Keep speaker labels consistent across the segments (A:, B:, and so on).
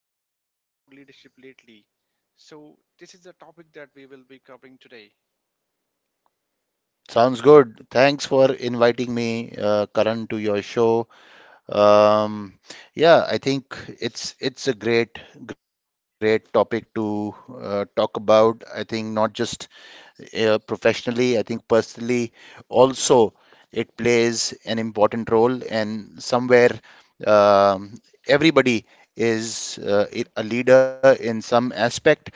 A: thinking a lot about leadership lately. So, this is the topic that we will be covering today.
B: Sounds good. Thanks for inviting me, Karan, to your show. Um, yeah, I think it's a great topic to talk about. I think not just professionally, I think personally also it plays an important role, and somewhere um, everybody
A: Mhm.
B: is a leader in some aspect.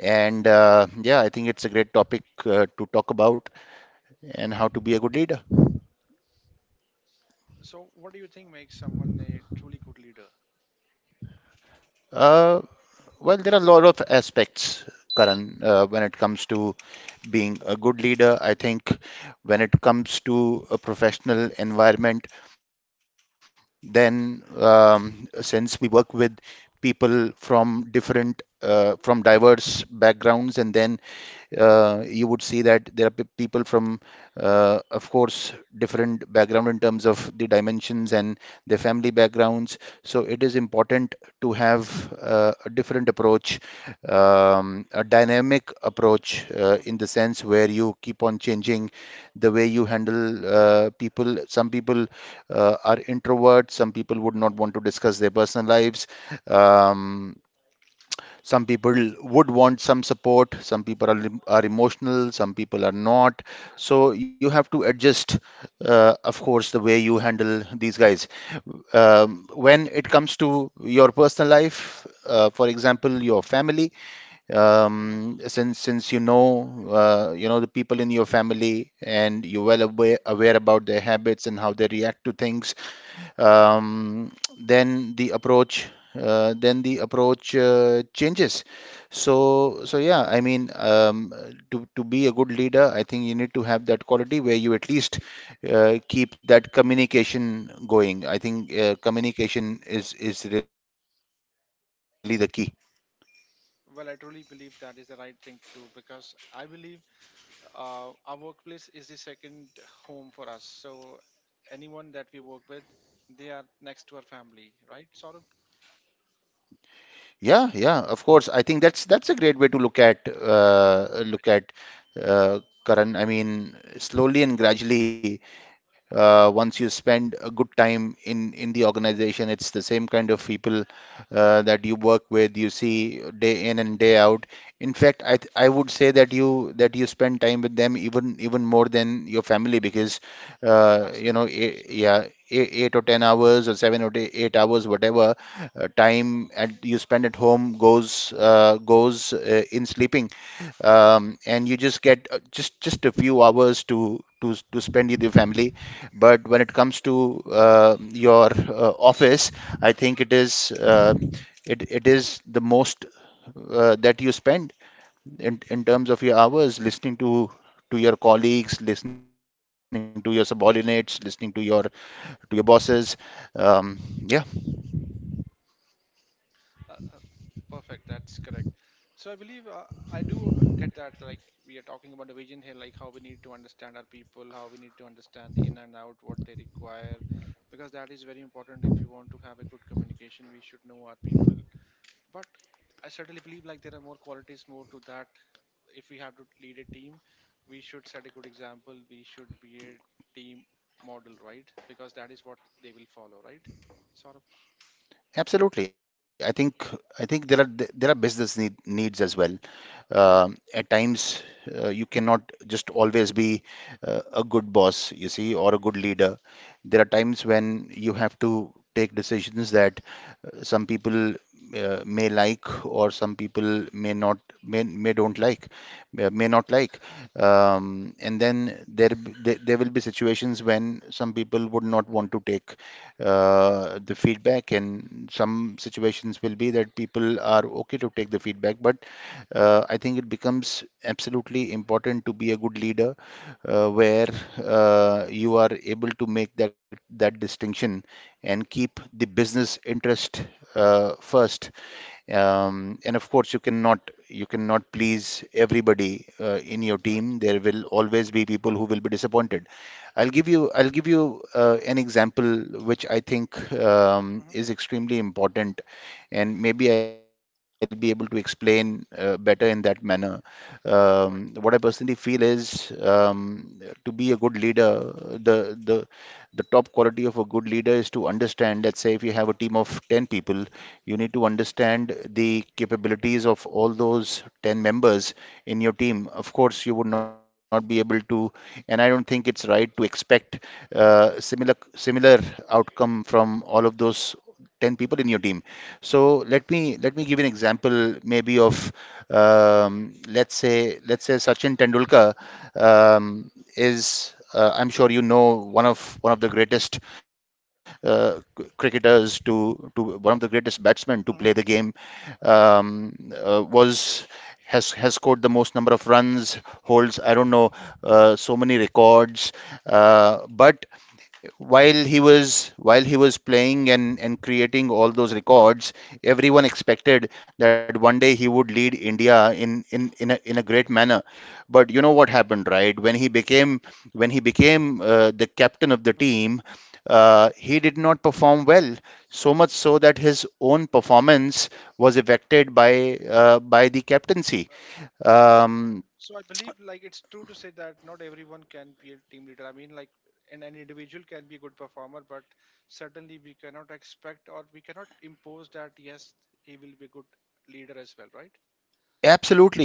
B: And yeah, I think it's a great topic to talk about and how to be a good leader.
A: So, what do you think makes someone a truly good leader?
B: Uh, well, there are a lot of aspects, Karan, when it comes to being a good leader. I think when it comes to a professional environment, then since we work with people from
A: Mhm,
B: diverse backgrounds, and then you would see that there are people from, of course, different background in terms of the dimensions and their family backgrounds. So it is important to have a different approach, a dynamic approach
A: mhm,
B: in the sense where you keep on changing the way you handle people. Some people are introverts. Some people would not want to discuss their personal lives. Um, some people would want some support, some people are emotional, some people are not, so you have to adjust of course the way you handle these guys when it comes to your personal life, for example your family,
A: mhm.
B: since you know the people in your family and you're well aware, about their habits and how they react to things. um, then the approach, changes. So yeah, to be a good leader, I think you need to have that quality where you at least keep that communication going. I think communication is really the key.
A: Well, I truly believe that is the right thing to do because I believe our workplace is the second home for us. So, anyone that we work with, they are next to our family, right? Sort of.
B: Yeah, yeah, of course. I think that's a great way to
A: Right.
B: look at uh, Karan. I mean, slowly and gradually, once you spend a good time in the organization, it's the same kind of people that you work with, you see, day in and day out. In fact, I
A: Right.
B: would say that you spend time with them even more than your family, because you know,
A: Absolutely. Absolutely.
B: eight or 10 hours or 7 or 8 hours, whatever you spend at home goes goes in sleeping, and you just get just a few hours to spend with your family. But when it comes to your office, I think it is it is the most that you spend in terms of your hours, listening to your colleagues, listening to your subordinates, listening to your bosses. Um, yeah.
A: Uh, uh, Perfect. That's correct. So I believe I do get that. Like we are talking about the vision here, like how we need to understand our people, how we need to understand the in and out, what they require, because that is very important. If you want to have a good communication, we should know our people. But I certainly believe like there are more qualities more to that. If we have to lead a team, we should set a good example. We should be a team model, right? Because that is what they will follow, right? Sort of.
B: Absolutely. I think there are business needs as well. At times, you cannot just always be a good boss, you see, or a good leader. There are times when you have to take decisions that some people may like or some people may not may, may don't like may not like, and then there there will be situations when some people would not want to take the feedback, and some situations will be that people are okay to take the feedback, but I think it becomes absolutely important to be a good leader where you are able to make that distinction and keep the business interest first. And of course, you cannot please everybody in your
A: Right.
B: team. There will always be people who will be disappointed. I'll give you an example which I think
A: Hmm.
B: is extremely important, and maybe I'll be able to explain better in that manner. What I
A: Right.
B: personally feel is, to be a good leader, the the the top quality of a good leader is to understand, let's say if you have a team of 10 people, you need to understand the capabilities of all those 10 members in your team. Of course, you would not be able to, and I don't think it's right to expect similar outcome from all of those 10 people in your team. So let me give you an example maybe of, let's say Sachin Tendulkar um, is I'm sure you know, one of the greatest cricketers to, one of the greatest batsmen to play the game. Was
A: Yes.
B: Has scored the most number of runs, holds, I don't know, so many records, but while he was, playing and creating all those records, everyone expected that one day he would lead india in, in a great manner. But you know what happened right when he became, the captain of the
A: Hmm.
B: team, he did not perform well. So much so that his own performance was affected by the captaincy.
A: So,
B: um,
A: so, I believe like it's true to say that not everyone can be a team leader. I mean, like an individual can be a good performer, but certainly we cannot expect or we cannot impose that yes, he will be a good leader as well, right?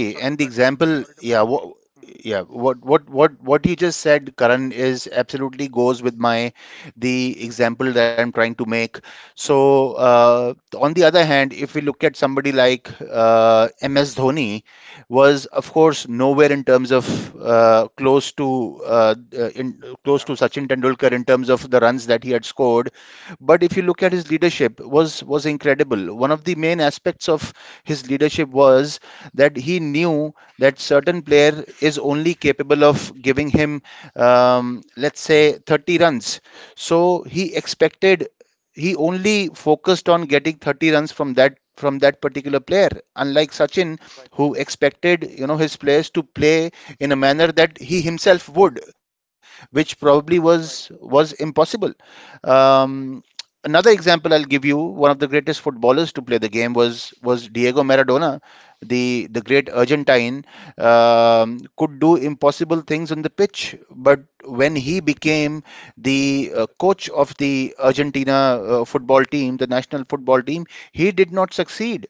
A: I'm sorry to
B: And the
A: cut you.
B: example,
A: Sorry to cut you. Hmm.
B: yeah, what you just said, Karan, is absolutely goes with my, the example that I'm trying to make. So, on the other hand, if we look at somebody like MS Dhoni, was of course nowhere in terms of close to Sachin
A: Captaincy.
B: Tendulkar in terms of the runs that he had scored, but if you look at his leadership, was incredible. One of the main aspects of his leadership was that he knew that certain player is only capable of giving him, let's say, 30 runs. So he expected,
A: Hmm.
B: he only focused on getting 30 runs from that particular player, unlike sachin,
A: Right.
B: who expected, you know, his players to play in a manner that he himself would, which probably
A: Right.
B: was impossible. um, Another example I'll give you, one of the greatest footballers to play the game was Diego Maradona, the great Argentine,
A: Hmm.
B: could do impossible things on the pitch. But when he became the
A: The
B: coach
A: coach.
B: of the Argentina football team, the national football team, he did not succeed.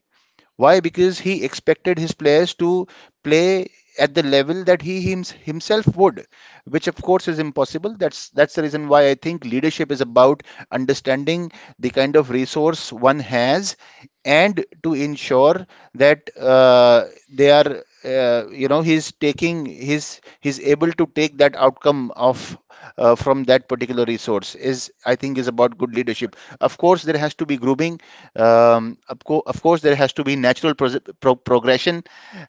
B: Why? Because he expected his players to play at the level that himself would, which of course is impossible. That's the reason why I think leadership is about understanding the kind of resource one has and to ensure that they are you know, he's taking he's able to take that outcome of, from that particular resource, is, I think, is about good
A: Right.
B: leadership. Of course, there has to be grooming, of course, there has to be natural progression.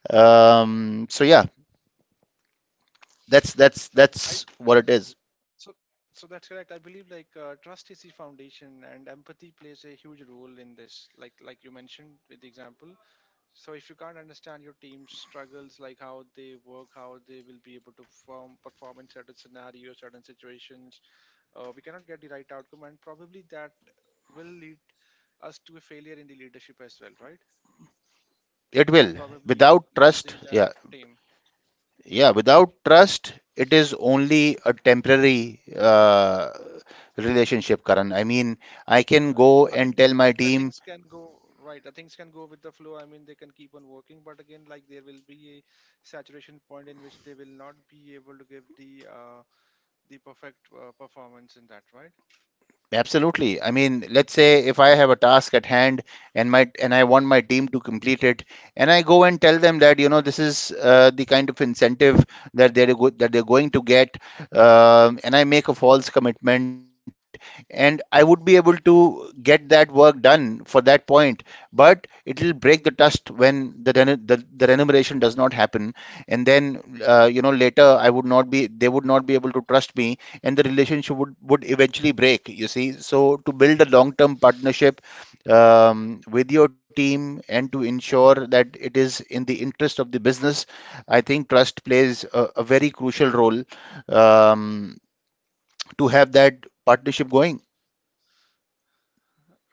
B: So yeah,
A: So I
B: that's what it is.
A: so so that's correct. I believe like trust is the foundation, and empathy plays a huge role in this. Like you mentioned with the example. So if you can't understand your team's struggles, like how they work, how they will be able to perform in certain scenarios, certain situations, we cannot get the right outcome, and probably that will lead us to a failure in the leadership as well, right?
B: It will.
A: And probably
B: Without trust,
A: losing the team,
B: yeah. Without trust, it is only a temporary relationship, Karan. I mean, I can
A: right?
B: go
A: I
B: and
A: mean,
B: tell my
A: the
B: team,
A: things can go right. The things can go with the flow. I mean, they can keep on working, but again, like there will be a saturation point in which they will not be able to give the perfect performance in that, right?
B: absolutely. I mean, let's say if I have a task at hand, and I want my team to complete it, and I go and tell them that, you know, this is the kind of incentive that they're go that they're going to get, and I make a false commitment, and I would be able to get that work done for that point, but it'll break the trust when the remuneration does not happen, and then you know, later, I would not be they would not be able to trust me, and the relationship would eventually break, you see. So to build a long term partnership, with your team, and to ensure that it is in the interest of the business, I think trust plays a very crucial role, um, to have that partnership going.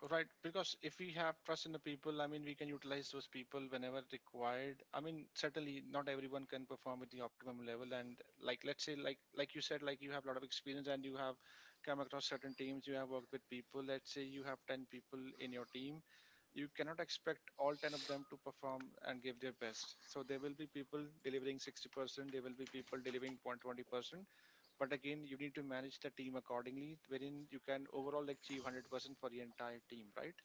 A: Right, because if we have trust in the people, I mean, we can utilize those people whenever required. I mean, certainly not everyone can perform with the optimum level. And like, let's say, like, you said, like you have a lot of experience and you have come across certain teams, you have worked with people. Let's say you have 10 people in your team. You cannot expect all 10 of them to perform and give their best. So there will be people delivering 60%, there will be people delivering 0.20%. But again, you need to manage the team accordingly, wherein you can overall achieve 100% for the entire team, right?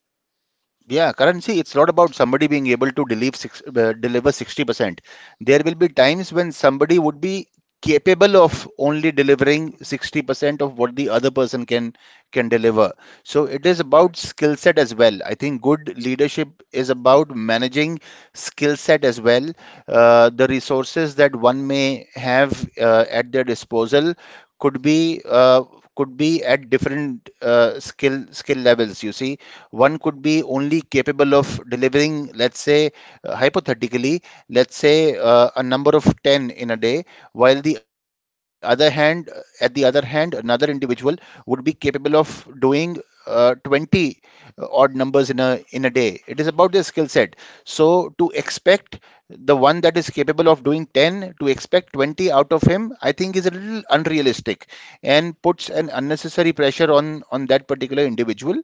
B: Yeah, currency, it's not about somebody being able to deliver 60%. There will be
A: Right.
B: times when somebody would be capable of only delivering
A: Hmm.
B: 60% of what the other person can deliver. So it is about
A: Right.
B: skill set as well. I think good leadership is about managing skill set as well. The resources that one may have at their disposal could be
A: Hmm.
B: at different skill levels. You see, one could be only capable of delivering, let's say, hypothetically, let's say a number of 10 in a day, while at the other hand, another individual would be capable of doing 20 odd numbers in a day. It is about their skill set. So to expect the one that is capable of doing 10 to expect 20 out of him, I think is a little unrealistic and puts an
A: Right.
B: unnecessary pressure on that particular individual.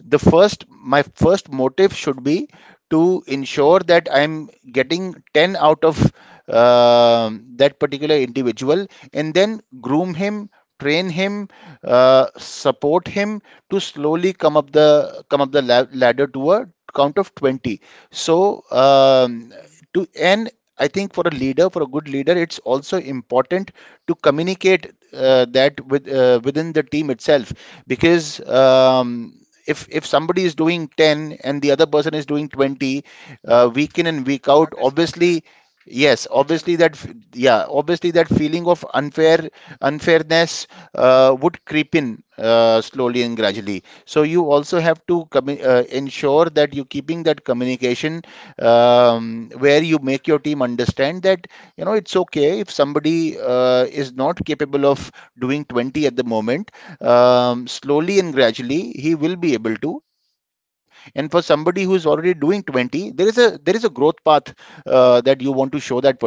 B: The first my first motive should be to ensure that I'm getting 10 out of uh, that particular individual, and then groom him, train him, support him to slowly come up the ladder to a count of 20. So
A: Hmm.
B: to and I think for a leader for a good leader it's also important to communicate that with within the team itself, because if somebody is doing 10 and the other person is doing 20 week in and week out,
A: That is unfair.
B: obviously. Yes,
A: It's
B: obviously
A: unfair,
B: that, f-
A: right? Yes.
B: yeah, obviously that feeling of unfairness would creep in slowly and gradually. So you also have to ensure that you're keeping that communication, where you make your team understand that, you know, it's okay if somebody is not capable of doing 20 at the moment. Slowly and gradually he will be able to. And for somebody who is already doing 20, there is a growth path that you want to show that person,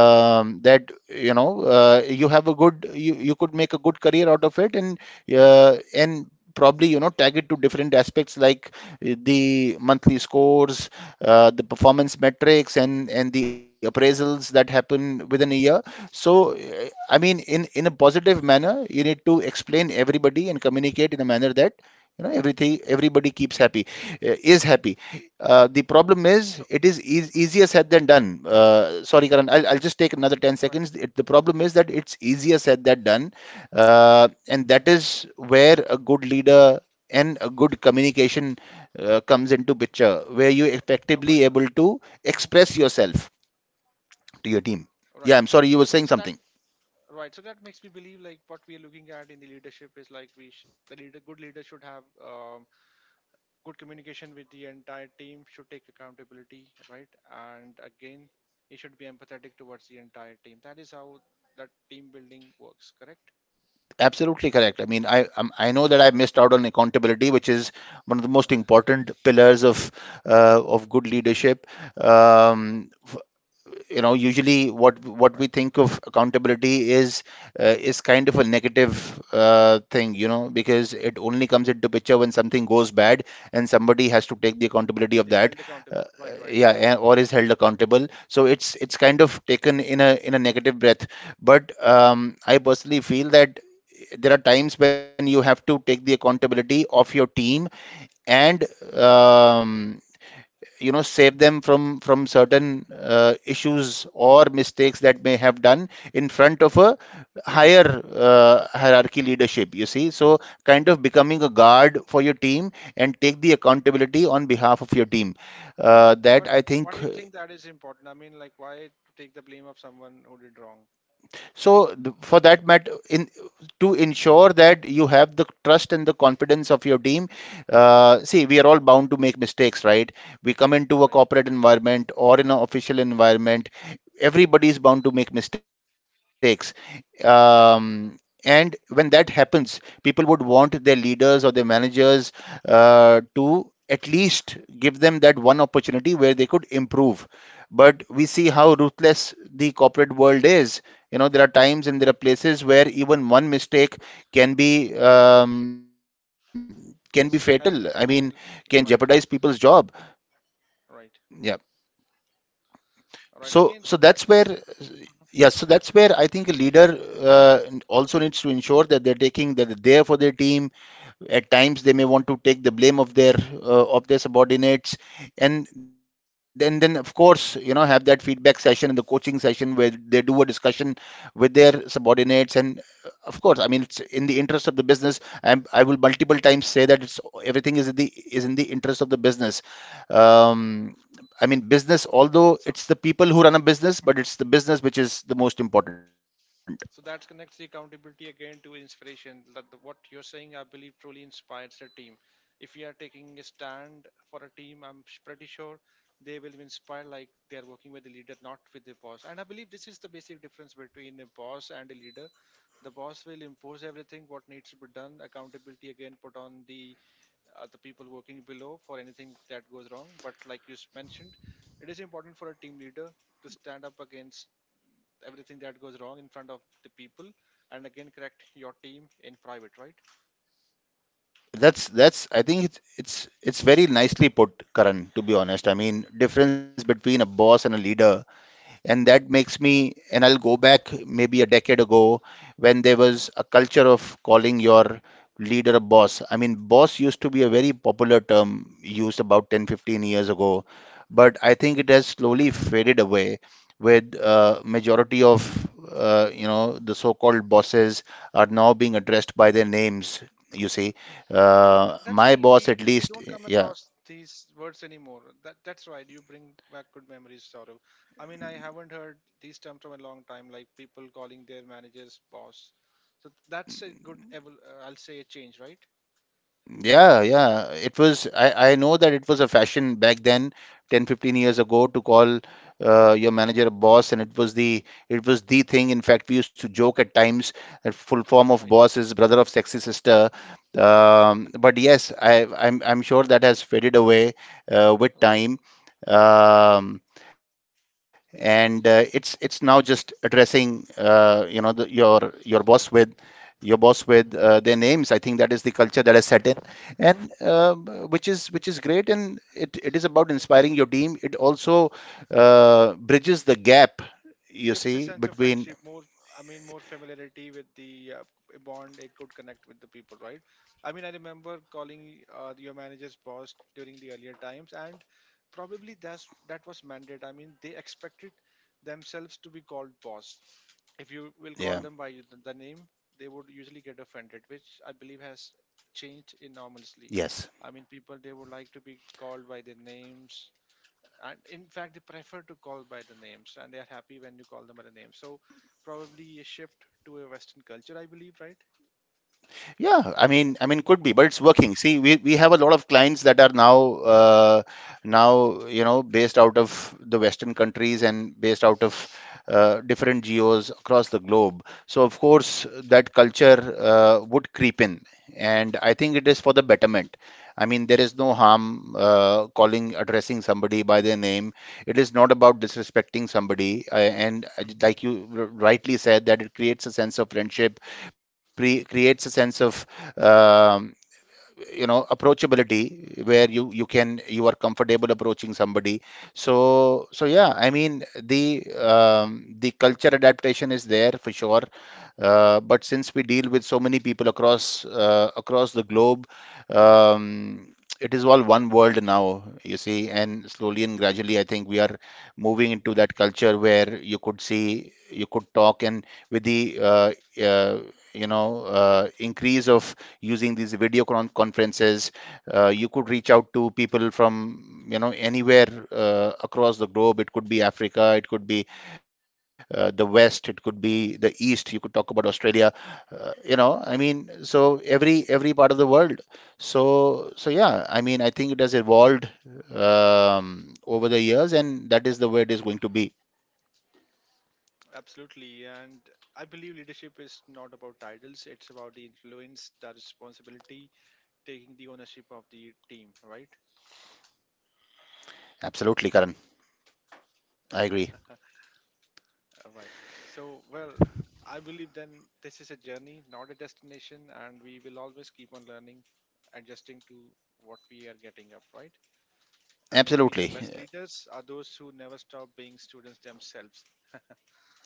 A: Hmm.
B: that, you know, you could make a good career out of it. And probably, you know, tag it to different aspects like the monthly scores, the performance metrics, and the appraisals that happen within a year. So I mean, in a positive
A: Right.
B: manner you need to explain everybody and communicate in a manner that, you know, everything everybody keeps happy is happy. The problem is,
A: So,
B: it is
A: mhm,
B: easier said than done. Sorry, Karan, I'll just take another 10
A: right.
B: seconds. The problem is that it's easier said than done, and that is where a good leader and a good communication comes into picture, where you
A: No
B: effectively
A: wonder.
B: able to
A: Hmm.
B: express yourself to your team.
A: Right.
B: Yeah, I'm sorry, you were
A: So,
B: saying
A: so that
B: something.
A: right. So that makes me believe like what we are looking at in the leadership is like the leader, good leader should have good communication with the entire team, should take accountability, right? And again, he should be empathetic towards the entire team. That is how that team building works, correct?
B: Absolutely correct. I mean, I know that I missed out on accountability, which is one of the most important pillars
A: Right.
B: of good leadership. Um, f- you know, usually what
A: Right.
B: we think of accountability is kind of a negative thing, you know, because it only comes into picture when something goes bad and somebody has to take the accountability of
A: It's
B: that.
A: held
B: uh,
A: accountable. Right, right.
B: yeah, and or is held accountable. So it's kind of taken in a negative breath. But I personally feel that there are times when you have to take the accountability of your team, and um, you know, save them from certain issues or mistakes that may have done in front of a higher hierarchy leadership, you see. So kind of becoming a guard for your team and take the accountability on behalf of your team, that
A: But
B: I
A: what
B: think.
A: do you think that is important? I mean, like, why to take the blame of someone who did wrong,
B: For that matter, in to ensure that you have the trust and the confidence of your team, see, we are all bound to make mistakes, right? We come into a
A: right?
B: corporate environment or in an official environment, everybody is bound to make mistakes. Um, and when that happens, people would want their leaders or their managers to at least give them that one opportunity where they could improve. But we see how ruthless the corporate world is. You know, there are times and there are places where even one mistake can be fatal. I mean,
A: Because help,
B: can
A: I mean,
B: jeopardize people's
A: right,
B: job.
A: right,
B: Yeah.
A: right.
B: So
A: Again,
B: that's where, yeah, so that's where I think a leader also needs to ensure that they're taking that they're there for their team. At times, they may want to take the blame of their subordinates, and then of course, you know, have that feedback session and the coaching session where they do a discussion with their subordinates. And of course, I mean, it's in the interest of the business. I will multiple times say that it's everything is in the interest of the business. Um, I mean, business, although
A: so
B: it's the people who run a business, but it's the business which is the most important.
A: So that connects the accountability again to inspiration. What you're saying, I believe, truly inspires the team. If you are taking a stand for a team, pretty sure they will be inspired, like they are working with the leader, not with the boss. And I believe this is the basic difference between a boss and a leader. The boss will impose everything what needs to be done. Accountability again put on the people working below for anything that goes wrong. But like mentioned, it is important for a team leader to stand up against everything that goes wrong in front of the people and again correct your team in private, right?
B: That's I think it's very nicely put, Karan, to be honest. I mean, difference between a boss and a leader, and that makes me, and I'll go back maybe a decade ago, when there was
A: Hmm.
B: a culture of calling your leader a boss. I mean, boss used to be a very popular term used about 10, 15 years ago, but I think it has slowly faded away with majority of you know, the so-called bosses are now being addressed by their names. You see,
A: That, that's
B: my
A: right,
B: boss
A: we
B: at least,
A: don't come
B: yeah.
A: across these words anymore, that's right, you bring back good memories, Saurav. I mean, I haven't heard these terms from a long time, like people calling their managers boss. So that's a good I'll say a change, right?
B: Yeah, yeah. It was, I know that it was a fashion back then, 10, 15 years ago, to call your manager a boss, and it was the thing. In fact, we used to joke at times that full form of
A: Right.
B: boss is brother of sexy sister. But yes, I'm sure that has faded away with
A: Right.
B: time. Um, and it's now just addressing you know your boss with their names. I think that is the culture that has set in, and which is great. And it is about inspiring your team. It also bridges the gap, you
A: Gives a
B: see,
A: sense of
B: between,
A: friendship, more, I mean, more familiarity with the a bond, a good connect with the people, right? I mean, I remember calling your manager's boss during the earlier times, and probably that was mandate. I mean, they expected themselves to be called boss. If you will call
B: yeah,
A: them by the name, they would usually get offended, which I believe has changed enormously.
B: yes.
A: I mean, people, they would like to be called by their names, and in fact they prefer to call by the names, and they are happy when you call them by the name. So probably a shift to a Western culture, I believe, right?
B: Yeah, I mean, could be, but it's working. See, we have a lot of clients that are now you know, based out of the Western countries and based out of different geos across the globe. So of course that culture would creep in, and I think it is for the betterment. I mean, there is no harm calling addressing somebody by their name. It is not about disrespecting somebody, and
A: Mhm.
B: like you rightly said, that it creates a sense of friendship, creates a sense of, um, you know, approachability where you are comfortable approaching somebody. So yeah, I mean, the culture adaptation is there for sure, but since we deal with so many people across across the globe, um, it is all one world now, you see, and slowly and gradually I think we are moving into that culture where you could see, you could talk and with the uh, you know, increase of using these conferences. You could
A: Right.
B: reach out to people from, you know, anywhere across the globe. It could be Africa, it could be the West, it could be the East. You could talk about Australia. You know, I mean, so every part of the world. So yeah, I mean, I think it has evolved over the years, and that is the way it is going to be.
A: Absolutely. And I believe leadership is not about titles, it's about the influence, the responsibility, taking the ownership of the team, right?
B: Absolutely, Karan. I agree.
A: Right. So, well, I believe then this is a journey, not a destination, and we will always keep on learning, adjusting to what we are getting up, right? And maybe the
B: Absolutely.
A: best leaders are those who never stop being students themselves.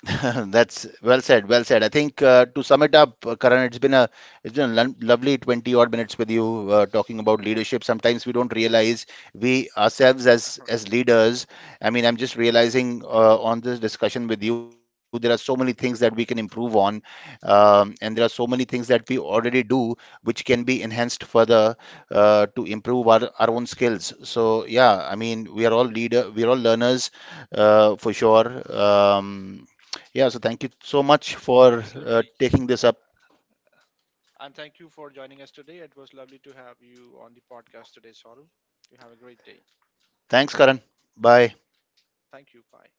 B: That's well said. Well said. I think to sum it up, Karan, it's been a lovely 20 odd minutes with you talking about leadership. Sometimes we don't realize we ourselves
A: All right.
B: as leaders. I mean, I'm just realizing on this discussion with you, there are so many things that we can improve on, and there are so many things that we already do which can be enhanced further to improve our own skills.
A: Absolutely.
B: So yeah, I mean, we are all leader, we are all learners for sure. Um, yeah, so thank you so much for
A: Absolutely.
B: taking this up.
A: And thank you for joining us today. It was lovely to have you on the podcast today, Saru. You have a great day.
B: Thanks, Karan. Bye.
A: Thank you. Bye.